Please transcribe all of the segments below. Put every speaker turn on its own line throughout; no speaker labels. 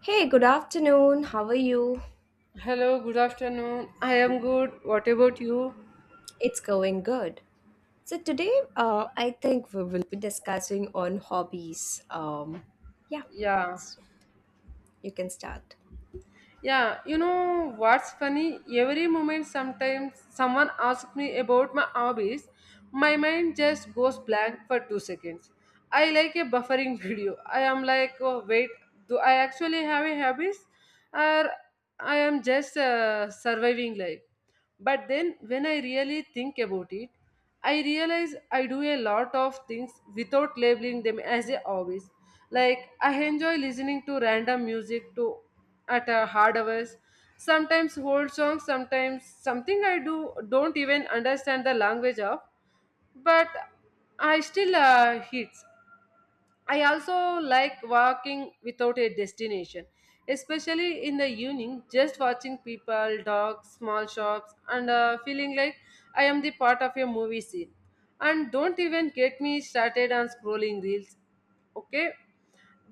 Hey, good afternoon. How are you?
Hello, good afternoon. I am good. What about you?
It's going good. So today, I think we will be discussing on hobbies. Yeah,
Yeah.
so you can start.
Yeah, you know what's funny? Every moment sometimes someone asks me about my hobbies, my mind just goes blank for 2 seconds. I like a buffering video. I am like, "Oh, wait, do I actually have a hobbies or I am just surviving life?" But then, when I really think about it, I realize I do a lot of things without labeling them as a hobbies. Like, I enjoy listening to random music to at a hard hours. Sometimes old songs, sometimes something I do don't even understand the language of, but I still hits. I also like walking without a destination, especially in the evening, just watching people, dogs, small shops, and feeling like I am the part of a movie scene. And don't even get me started on scrolling reels. Okay,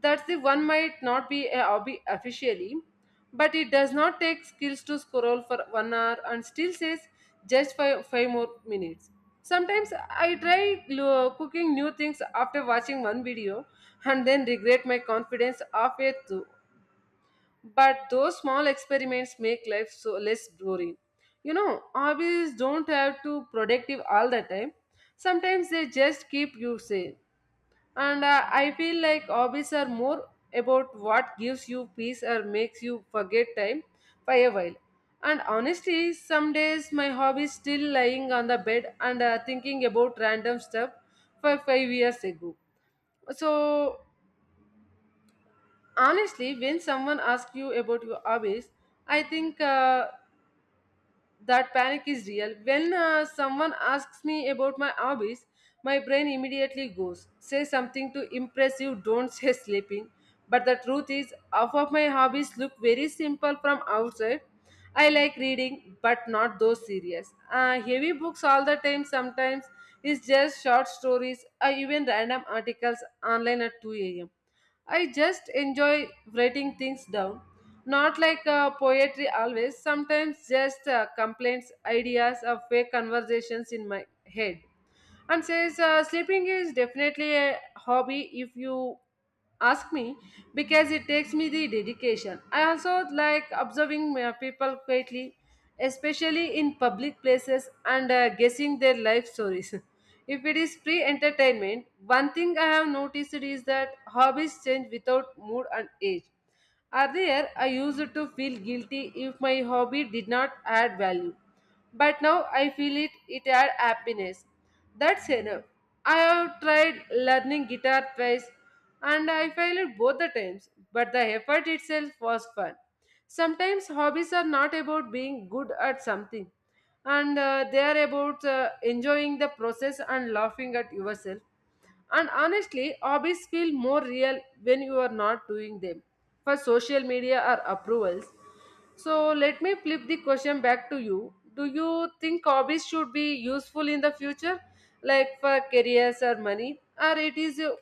that's the one might not be a hobby officially, but it does not take skills to scroll for 1 hour and still says just five more minutes. Sometimes I try cooking new things after watching one video and then regret my confidence halfway through. But those small experiments make life so less boring. You know, hobbies don't have to productive all the time. Sometimes they just keep you sane and I feel like hobbies are more about what gives you peace or makes you forget time for a while, and honestly some days my hobby is still lying on the bed and thinking about random stuff for 5 years ago. So honestly when someone asks you about your hobbies, I think that panic is real. When someone asks me about my hobbies, my brain immediately goes, say something to impress you, don't say sleeping. But the truth is, half of my hobbies look very simple from outside. I like reading, but not those serious. Heavy books all the time, sometimes it's just short stories, or even random articles online at 2 a.m. I just enjoy writing things down. Not like poetry always, sometimes just complaints, ideas of fake conversations in my head, and says sleeping is definitely a hobby if you ask me because it takes me the dedication. I also like observing people quietly, especially in public places, and guessing their life stories if it is free entertainment. One thing I have noticed is that hobbies change without mood and age. Earlier, I used to feel guilty if my hobby did not add value. But now I feel it adds happiness. That's enough. I have tried learning guitar twice and I failed both the times, but the effort itself was fun. Sometimes hobbies are not about being good at something, and they are about enjoying the process and laughing at yourself. And honestly, hobbies feel more real when you are not doing them for social media or approvals. So let me flip the question back to you. Do you think hobbies should be useful in the future, like for careers or money, or it is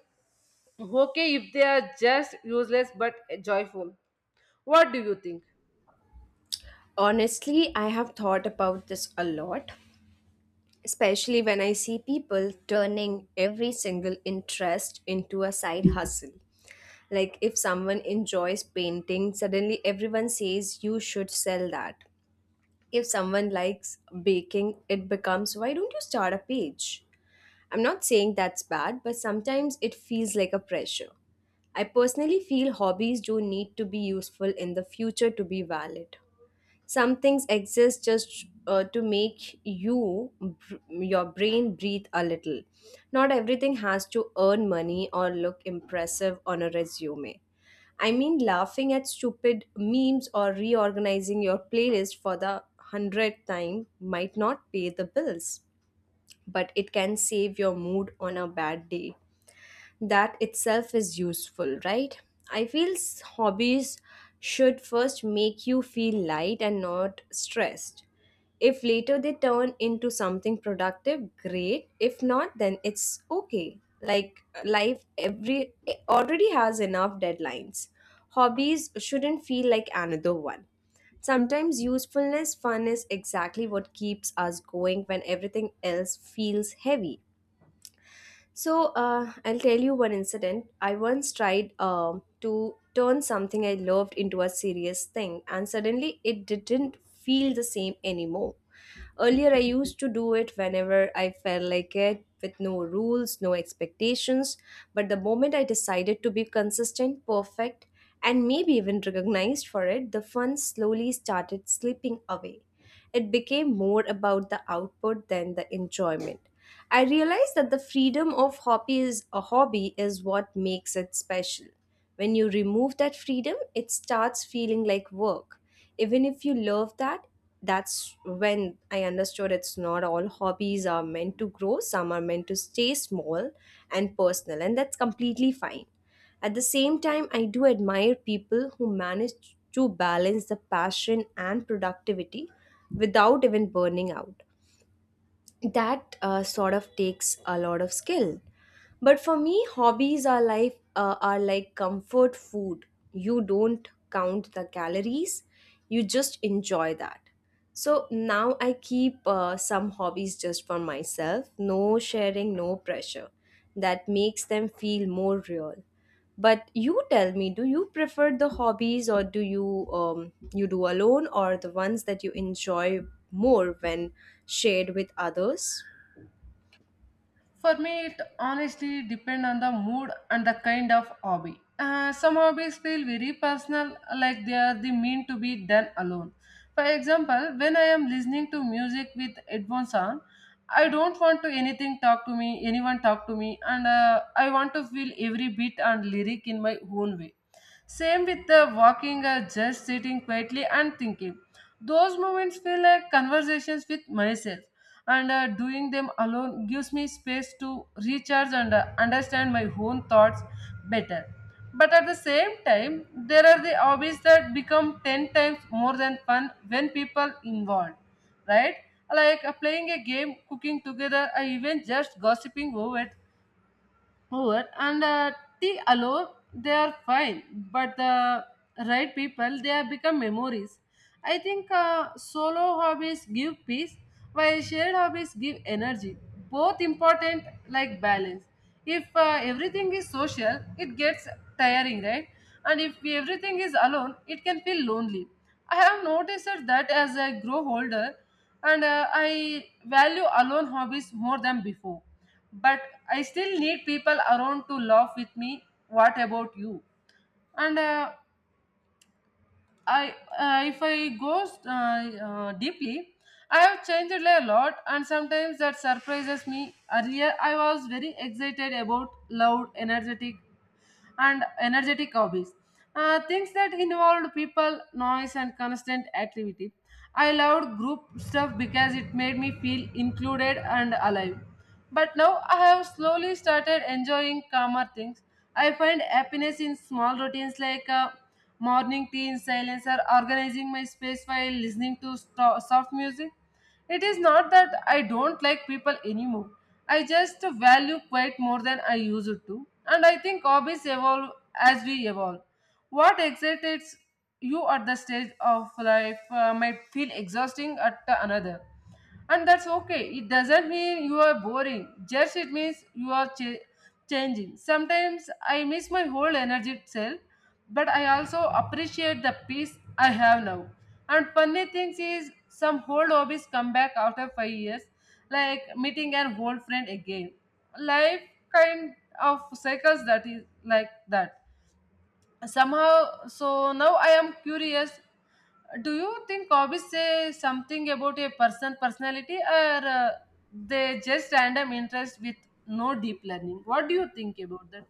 okay if they are just useless but joyful? What do you think?
Honestly, I have thought about this a lot, especially when I see people turning every single interest into a side hustle. Like if someone enjoys painting, suddenly everyone says you should sell that. If someone likes baking, it becomes why don't you start a page? I'm not saying that's bad, but sometimes it feels like a pressure. I personally feel hobbies do need to be useful in the future to be valid. Some things exist just to make your brain breathe a little. Not everything has to earn money or look impressive on a resume. I mean, laughing at stupid memes or reorganizing your playlist for the hundredth time might not pay the bills, but it can save your mood on a bad day. That itself is useful, right? I feel hobbies should first make you feel light and not stressed. If later they turn into something productive, great. If not, then it's okay. Life already has enough deadlines. Hobbies shouldn't feel like another one. Sometimes usefulness fun is exactly what keeps us going when everything else feels heavy. I'll tell you one incident. I once tried to turn something I loved into a serious thing, and suddenly it didn't feel the same anymore. Earlier, I used to do it whenever I felt like it, with no rules, no expectations. But the moment I decided to be consistent, perfect, and maybe even recognized for it, the fun slowly started slipping away. It became more about the output than the enjoyment. I realized that the freedom of hobby is a hobby is what makes it special. When you remove that freedom, it starts feeling like work. Even if you love that, that's when I understood it's not all hobbies are meant to grow, some are meant to stay small and personal, and that's completely fine. At the same time, I do admire people who manage to balance the passion and productivity without even burning out. That sort of takes a lot of skill. But for me, hobbies are like comfort food. You don't count the calories; you just enjoy that. So now I keep some hobbies just for myself. No sharing, no pressure. That makes them feel more real. But you tell me, do you prefer the hobbies or do you you do alone, or the ones that you enjoy more when shared with others?
For me, it honestly depends on the mood and the kind of hobby. Some hobbies feel very personal, like they are the mean to be done alone. For example, when I am listening to music with headphones on, I don't want to anything talk to me, anyone talk to me, and I want to feel every beat and lyric in my own way. Same with the walking or just sitting quietly and thinking. Those moments feel like conversations with myself, and doing them alone gives me space to recharge and understand my own thoughts better. But at the same time, there are the hobbies that become 10 times more than fun when people involved, right? Like playing a game, cooking together, or even just gossiping over and tea alone, they are fine, but the right people they have become memories. I think solo hobbies give peace while shared hobbies give energy, both important like balance. If everything is social it gets tiring, right, and if everything is alone it can feel lonely. I have noticed that as I grow older, and I value alone hobbies more than before, but I still need people around to laugh with me. What about you? And if I go deeply, I have changed a lot, and sometimes that surprises me. Earlier, I was very excited about loud, energetic hobbies. Things that involved people, noise, and constant activity. I loved group stuff because it made me feel included and alive. But now I have slowly started enjoying calmer things. I find happiness in small routines like morning tea in silence or organizing my space while listening to soft music. It is not that I don't like people anymore. I just value quite more than I used to. And I think hobbies evolve as we evolve. What excites you at the stage of life might feel exhausting at another, and that's okay. It doesn't mean you are boring, just it means you are changing. Sometimes I miss my whole energy self, but I also appreciate the peace I have now. And funny things is some old hobbies come back after 5 years, like meeting an old friend again. Life kind of cycles that is like that somehow. So now I am curious, do you think hobbies say something about a person personality, or they just random interest with no deep learning? What do you think about that?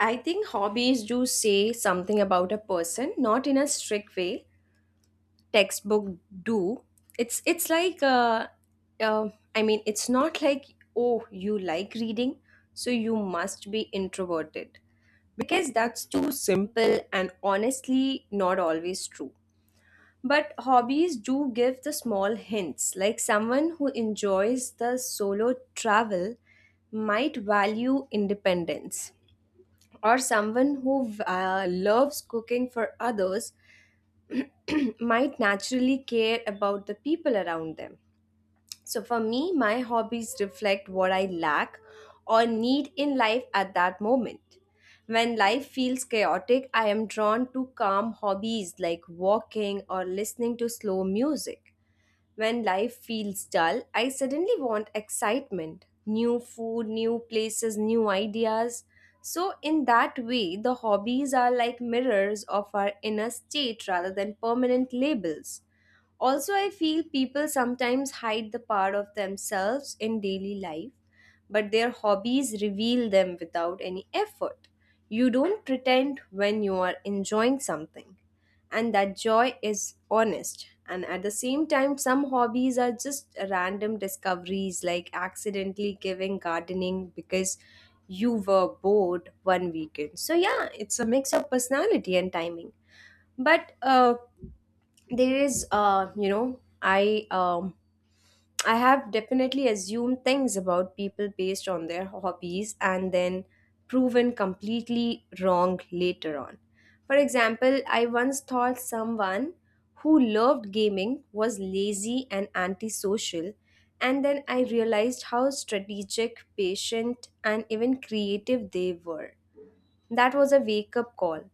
I think hobbies do say something about a person, not in a strict way. Textbook do. It's like uh, I mean, it's not like, oh, you like reading, so you must be introverted, because that's too simple and honestly not always true. But hobbies do give the small hints, like someone who enjoys the solo travel might value independence, or someone who loves cooking for others might naturally care about the people around them. So, for me, my hobbies reflect what I lack or need in life at that moment. When life feels chaotic, I am drawn to calm hobbies like walking or listening to slow music. When life feels dull, I suddenly want excitement, new food, new places, new ideas. So, in that way, the hobbies are like mirrors of our inner state rather than permanent labels. Also, I feel people sometimes hide the part of themselves in daily life, but their hobbies reveal them without any effort. You don't pretend when you are enjoying something, and that joy is honest. And at the same time, some hobbies are just random discoveries, like accidentally giving gardening because you were bored one weekend. So, yeah, it's a mix of personality and timing. But there is, you know, I have definitely assumed things about people based on their hobbies and then proven completely wrong later on. For example, I once thought someone who loved gaming was lazy and antisocial, and then I realized how strategic, patient, and even creative they were. That was a wake up call.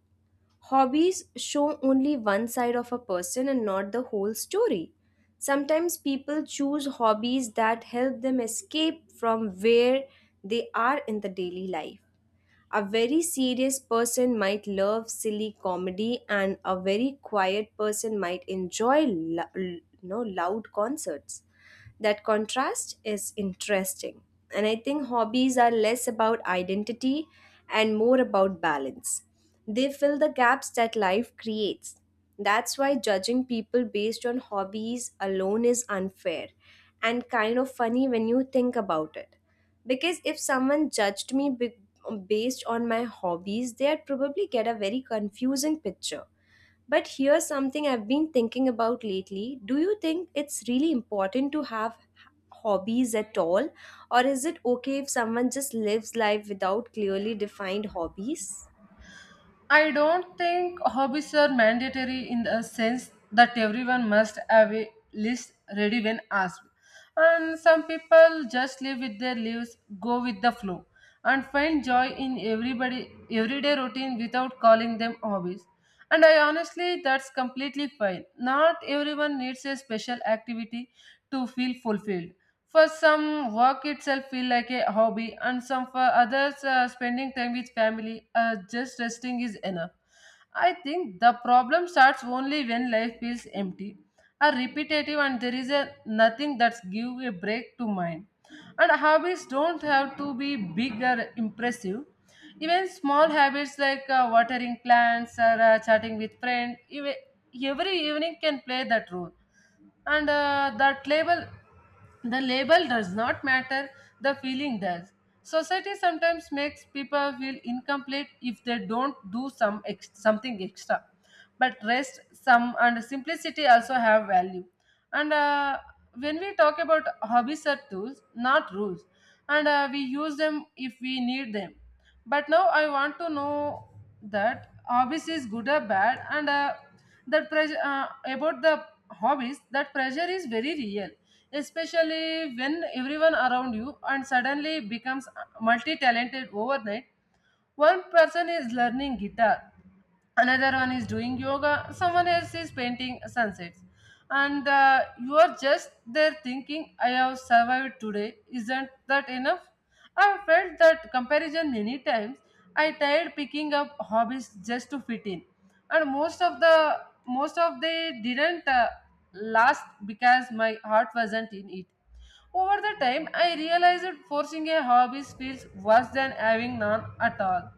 Hobbies show only one side of a person and not the whole story. Sometimes people choose hobbies that help them escape from where they are in the daily life. A very serious person might love silly comedy, and a very quiet person might enjoy lo- l- no, loud concerts. That contrast is interesting. And I think hobbies are less about identity and more about balance. They fill the gaps that life creates. That's why judging people based on hobbies alone is unfair and kind of funny when you think about it, because if someone judged based on my hobbies, they'd probably get a very confusing picture. But here's something I've been thinking about lately: do you think it's really important to have hobbies at all, or is it okay if someone just lives life without clearly defined hobbies?
I don't think hobbies are mandatory in the sense that everyone must have a list ready when asked. And some people just live with their lives, go with the flow, and find joy in everybody everyday routine without calling them hobbies. And I honestly that's completely fine. Not everyone needs a special activity to feel fulfilled. For some, work itself feel like a hobby, and some for others, spending time with family, just resting is enough. I think the problem starts only when life feels empty, are repetitive, and there is a nothing that's give a break to mind. And hobbies don't have to be big or impressive. Even small habits like watering plants or chatting with friends, even every evening, can play that role. And that label the label does not matter, the feeling does. Society sometimes makes people feel incomplete if they don't do something extra. But rest, some, and simplicity also have value. And when we talk about hobbies are tools, not rules, and we use them if we need them. But now I want to know that hobbies is good or bad, and that pressure about the hobbies, that pressure is very real, especially when everyone around you and suddenly becomes multi-talented overnight. One person is learning guitar, another one is doing yoga, someone else is painting sunsets, and you are just there thinking I have survived today, isn't that enough? I felt that comparison many times. I tried picking up hobbies just to fit in, and most of they didn't last because my heart wasn't in it. Over the time, I realized that forcing a hobby feels worse than having none at all.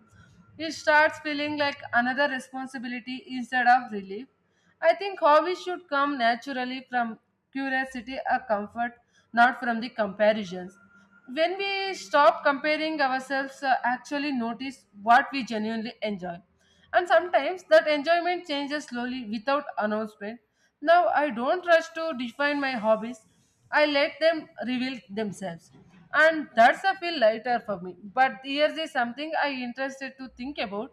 It starts feeling like another responsibility instead of relief. I think hobbies should come naturally from curiosity or comfort, not from the comparisons. When we stop comparing ourselves, actually notice what we genuinely enjoy. And sometimes that enjoyment changes slowly without announcement. Now, I don't rush to define my hobbies. I let them reveal themselves. And that's a feel lighter for me. But here's is something I interested to think about.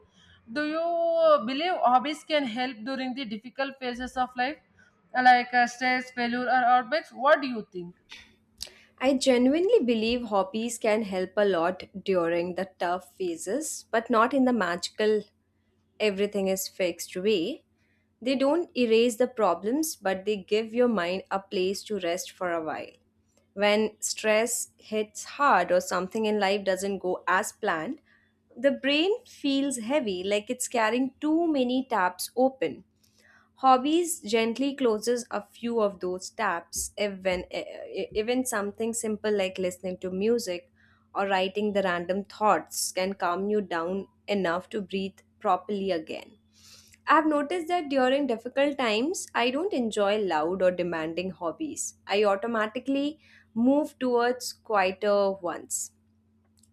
Do you believe hobbies can help during the difficult phases of life, like stress, failure, or outbreaks? What do you think?
I genuinely believe hobbies can help a lot during the tough phases, but not in the magical everything is fixed way. They don't erase the problems, but they give your mind a place to rest for a while. When stress hits hard or something in life doesn't go as planned, the brain feels heavy, like it's carrying too many tabs open. Hobbies gently closes a few of those tabs. Even something simple like listening to music or writing the random thoughts can calm you down enough to breathe properly again. I've noticed that during difficult times, I don't enjoy loud or demanding hobbies. I automatically move towards quieter ones.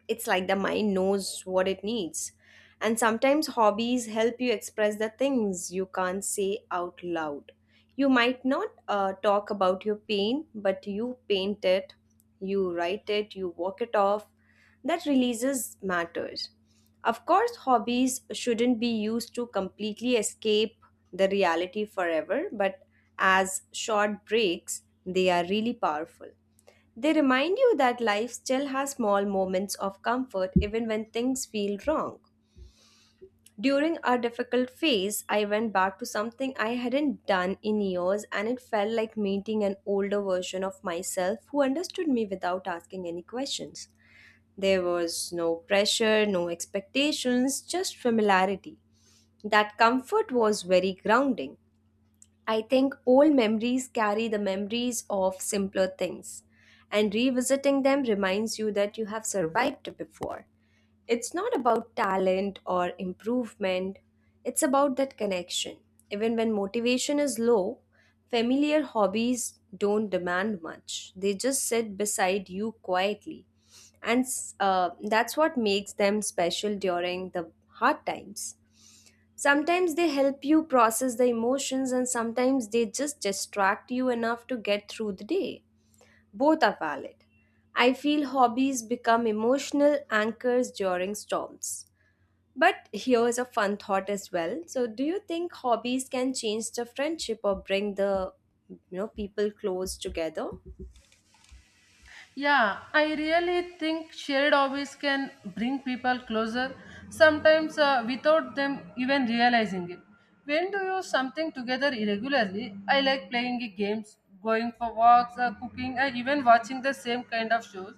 It's like the mind knows what it needs. And sometimes hobbies help you express the things you can't say out loud. You might not talk about your pain, but you paint it, you write it, you walk it off. That releases matters. Of course, hobbies shouldn't be used to completely escape the reality forever, but as short breaks, they are really powerful. They remind you that life still has small moments of comfort even when things feel wrong. During a difficult phase, I went back to something I hadn't done in years, and it felt like meeting an older version of myself who understood me without asking any questions. There was no pressure, no expectations, just familiarity. That comfort was very grounding. I think old memories carry the memories of simpler things, and revisiting them reminds you that you have survived before. It's not about talent or improvement, it's about that connection. Even when motivation is low, familiar hobbies don't demand much, they just sit beside you quietly. And That's what makes them special during the hard times. Sometimes they help you process the emotions, and sometimes they just distract you enough to get through the day. Both are valid. I feel hobbies become emotional anchors during storms. But here's a fun thought as well. So, do you think hobbies can change the friendship or bring the, you know, people close together?
Yeah, I really think shared hobbies can bring people closer, sometimes without them even realizing it. When do you something together irregularly? I like playing games, going for walks, cooking, and even watching the same kind of shows.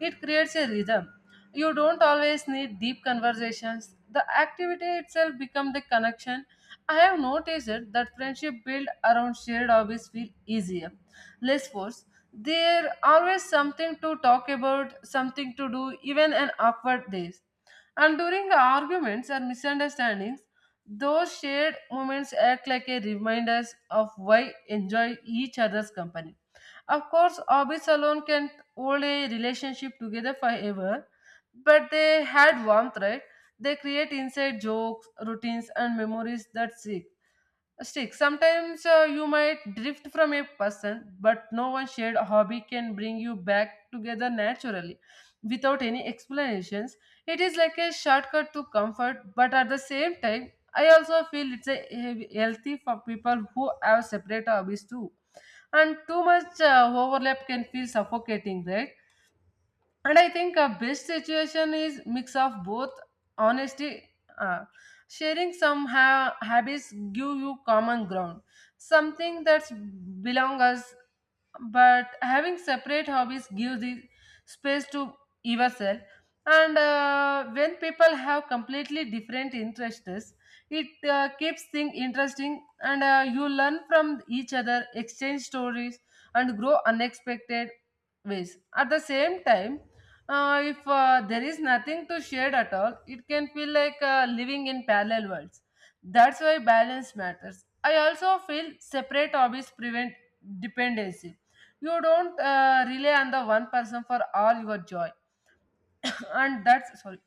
It creates a rhythm. You don't always need deep conversations. The activity itself becomes the connection. I have noticed it that friendship built around shared hobbies feel easier, less forced. There always something to talk about, something to do, even an awkward days. And during arguments or misunderstandings, those shared moments act like a reminders of why enjoy each other's company. Of course, hobbies alone can't hold a relationship together forever, but they had warmth, right? They create inside jokes, routines, and memories that stick. Stick. Sometimes you might drift from a person, but no one shared hobby can bring you back together naturally, without any explanations. It is like a shortcut to comfort, but at the same time, I also feel it's a healthy for people who have separate hobbies too, and too much overlap can feel suffocating, right? And I think a best situation is mix of both. Honesty. uh, Sharing some habits give you common ground, something that's belong us, but having separate hobbies gives the space to yourself. And when people have completely different interests, it keeps things interesting, and you learn from each other, exchange stories, and grow unexpected ways. At the same time, if there is nothing to share at all, it can feel like living in parallel worlds. That's why balance matters. I also feel separate hobbies prevent dependency. You don't rely on the one person for all your joy, and that's sorry.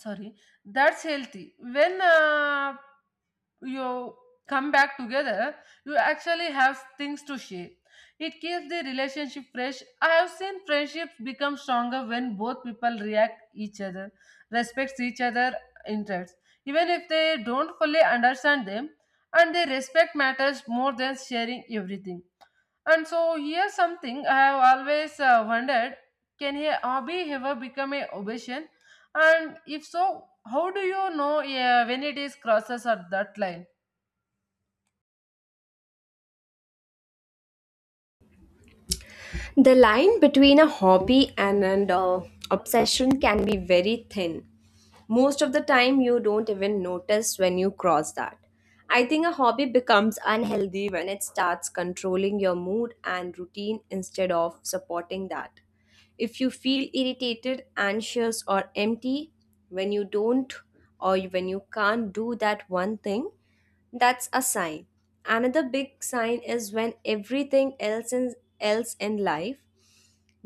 Sorry, that's healthy. When you come back together, you actually have things to share. It keeps the relationship fresh. I have seen friendships become stronger when both people react each other, respects each other interests, even if they don't fully understand them, and they respect matters more than sharing everything. And so here's something I have always wondered: can a hobby ever become a obsession? And if so, how do you know when it is crosses at that line?
The line between a hobby and an obsession can be very thin. Most of the time, you don't even notice when you cross that. I think a hobby becomes unhealthy when it starts controlling your mood and routine instead of supporting that. If you feel irritated, anxious, or empty when you don't, or when you can't do that one thing, that's a sign. Another big sign is when else in life,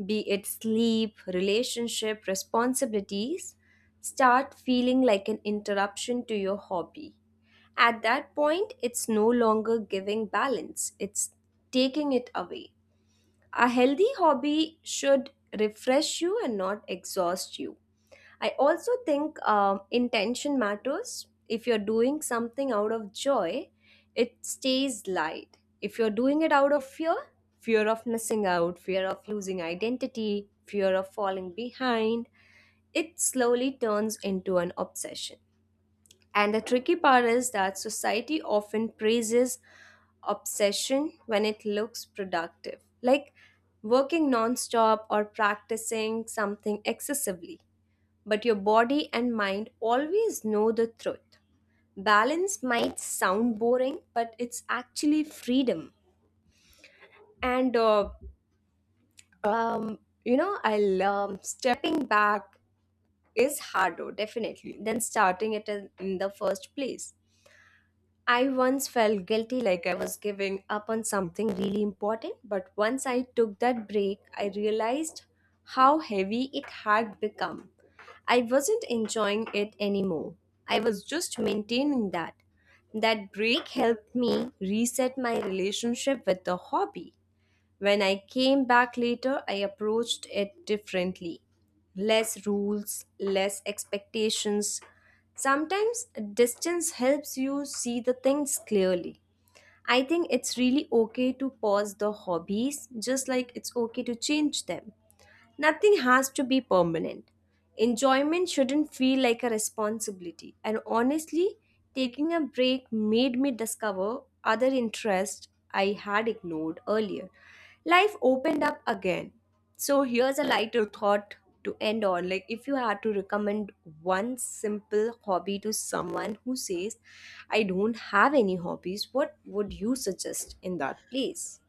be it sleep, relationship, responsibilities, start feeling like an interruption to your hobby. At that point, it's no longer giving balance, it's taking it away. A healthy hobby should refresh you and not exhaust you. I also think intention matters. If you're doing something out of joy, it stays light. If you're doing it out of fear, fear of missing out, fear of losing identity, fear of falling behind, it slowly turns into an obsession. And the tricky part is that society often praises obsession when it looks productive, like working nonstop or practicing something excessively, but your body and mind always know the truth. Balance might sound boring, but it's actually freedom. And um, you know, I'll Stepping back is harder, definitely, than starting it in the first place. I once felt guilty like I was giving up on something really important, but once I took that break, I realized how heavy it had become. I wasn't enjoying it anymore. I was just maintaining that. That break helped me reset my relationship with the hobby. When I came back later, I approached it differently. Less rules, less expectations. Sometimes distance helps you see the things clearly. I think it's really okay to pause the hobbies, just like it's okay to change them. Nothing has to be permanent. Enjoyment shouldn't feel like a responsibility. And honestly, taking a break made me discover other interests I had ignored earlier. Life opened up again. So here's a lighter thought to end on. Like, if you had to recommend one simple hobby to someone who says, I don't have any hobbies, what would you suggest in that place?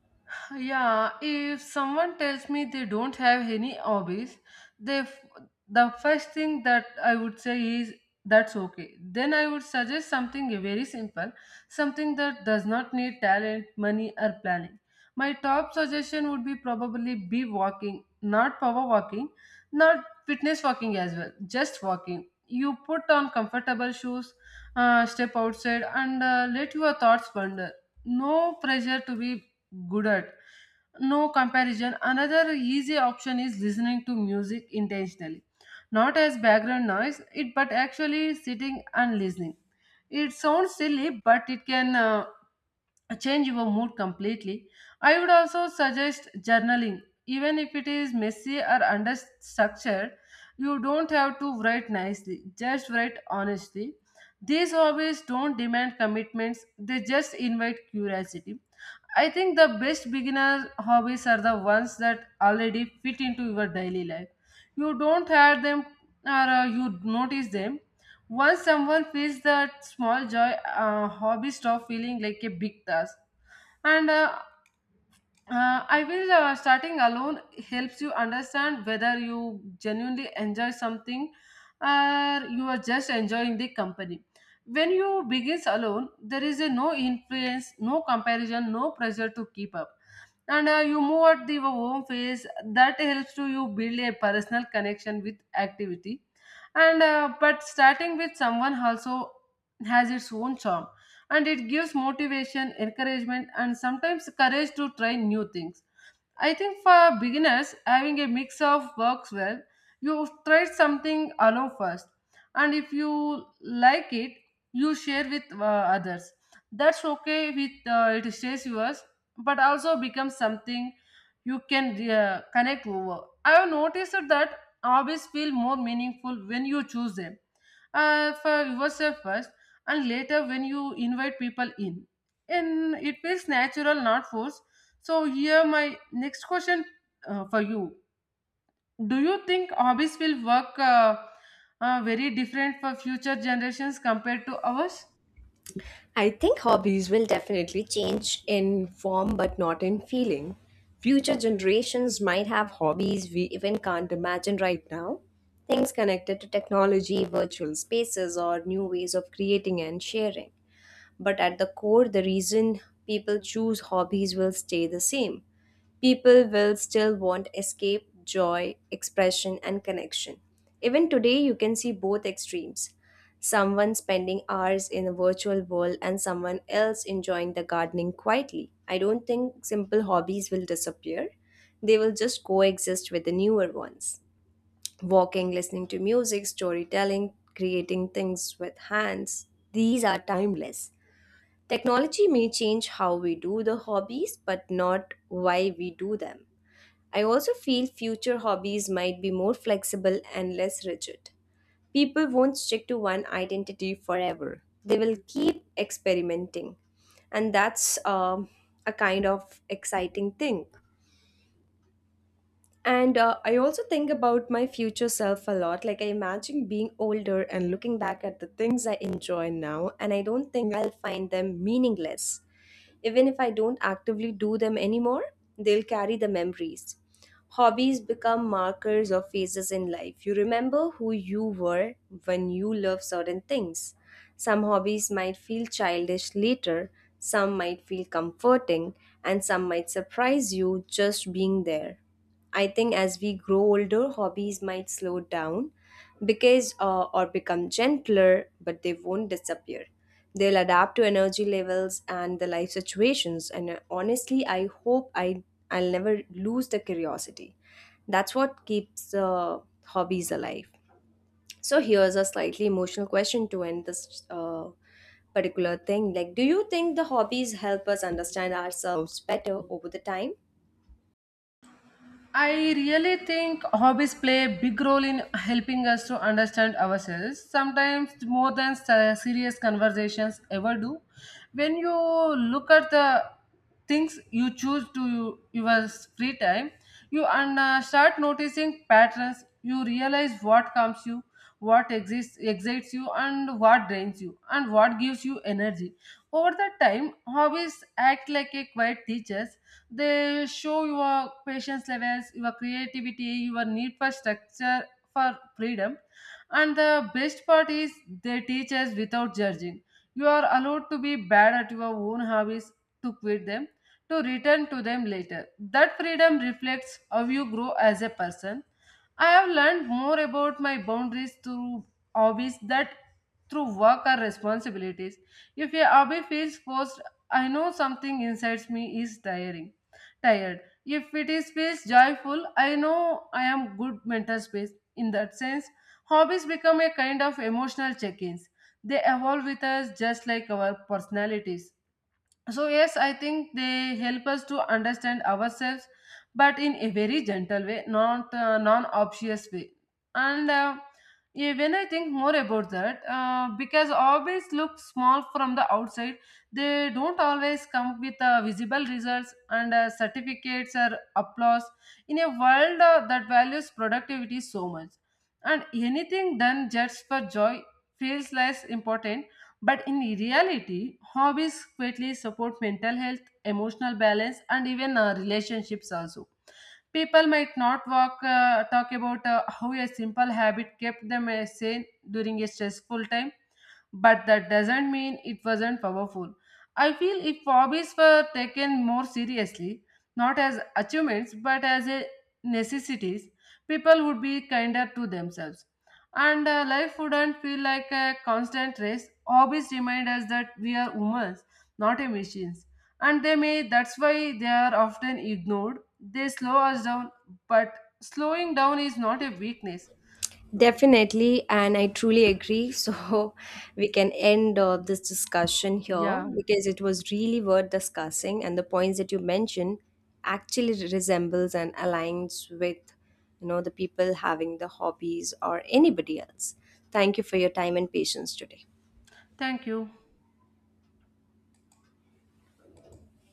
Yeah, if someone tells me they don't have any hobbies, they f- the first thing that I would say is that's okay. Then I would suggest something very simple, something that does not need talent, money, or planning. My top suggestion would be probably be walking, not power walking, not fitness walking as well, just walking. You put on comfortable shoes, step outside, and let your thoughts wander. No pressure to be good at. No comparison. Another easy option is listening to music intentionally, not as background noise, it but actually sitting and listening. It sounds silly, but it can change your mood completely. I would also suggest journaling, even if it is messy or understructured. You don't have to write nicely, just write honestly. These hobbies don't demand commitments, they just invite curiosity. I think the best beginner hobbies are the ones that already fit into your daily life. You don't have them, or you notice them. Once someone feels that small joy, hobby stop feeling like a big task. And I will starting alone helps you understand whether you genuinely enjoy something or you are just enjoying the company. When you begin alone, there is a no influence, no comparison, no pressure to keep up. And you move at the home phase, that helps to you build a personal connection with activity. And but starting with someone also has its own charm, and it gives motivation encouragement and sometimes courage to try new things. I think for beginners, having a mix of works well. You try something alone first, and if you like it, you share with others. That's okay with it stays yours, but also becomes something you can connect over. I have noticed that hobbies feel more meaningful when you choose them for yourself first, and later when you invite people in. And it feels natural, not forced. So here my next question for you. Do you think hobbies will work very different for future generations compared to ours?
I think hobbies will definitely change in form but not in feeling. Future generations might have hobbies we even can't imagine right now. Things connected to technology, virtual spaces, or new ways of creating and sharing. But at the core, the reason people choose hobbies will stay the same. People will still want escape, joy, expression, and connection. Even today, you can see both extremes: someone spending hours in a virtual world and someone else enjoying the gardening quietly. I don't think simple hobbies will disappear, they will just coexist with the newer ones. Walking, listening to music, storytelling, creating things with hands, these are timeless. Technology may change how we do the hobbies, but not why we do them. I also feel future hobbies might be more flexible and less rigid. People won't stick to one identity forever, they will keep experimenting. And that's a kind of exciting thing. And I also think about my future self a lot. Like, I imagine being older and looking back at the things I enjoy now, and I don't think I'll find them meaningless. Even if I don't actively do them anymore, they'll carry the memories. Hobbies become markers or phases in life. You remember who you were when you loved certain things. Some hobbies might feel childish later, some might feel comforting, and some might surprise you just being there. I think as we grow older, hobbies might slow down because or become gentler, but they won't disappear. They'll adapt to energy levels and the life situations. And Honestly, I hope I'll never lose the curiosity. That's what keeps hobbies alive. So here's a slightly emotional question to end this particular thing. Like, do you think the hobbies help us understand ourselves better over the time?
I really think hobbies play a big role in helping us to understand ourselves, sometimes more than serious conversations ever do. When you look at the things you choose to your free time, you start noticing patterns. You realize what comes you, what exists excites you, and what drains you, and what gives you energy. Over the time, hobbies act like a quiet teachers. They show your patience levels, your creativity, your need for structure, for freedom. And the best part is they teach us without judging. You are allowed to be bad at your own hobbies, to quit them, to return to them later. That freedom reflects how you grow as a person. I have learned more about my boundaries through hobbies that through work or responsibilities. If a hobby feels forced, I know something inside me is tiring. Tired. If it is feels joyful, I know I am good mental space. In that sense, hobbies become a kind of emotional check-ins. They evolve with us just like our personalities. So, yes, I think they help us to understand ourselves, but in a very gentle way, not non obvious way. And yeah, when I think more about that, because always look small from the outside, they don't always come with visible results and certificates or applause in a world that values productivity so much. And anything done just for joy feels less important, but in reality, hobbies greatly support mental health, emotional balance, and even relationships also. People might not talk about how a simple habit kept them sane during a stressful time, but that doesn't mean it wasn't powerful. I feel if hobbies were taken more seriously, not as achievements but as a necessities, people would be kinder to themselves, and life wouldn't feel like a constant race. Hobbies remind us that we are humans, not a machines, and they may. That's why they are often ignored. They slow us down, but slowing down is not a weakness.
Definitely, and I truly agree. So, we can end this discussion here
Yeah.
because it was really worth discussing, and the points that you mentioned actually resembles and aligns with, you know, the people having the hobbies or anybody else. Thank you for your time and patience today.
Thank you.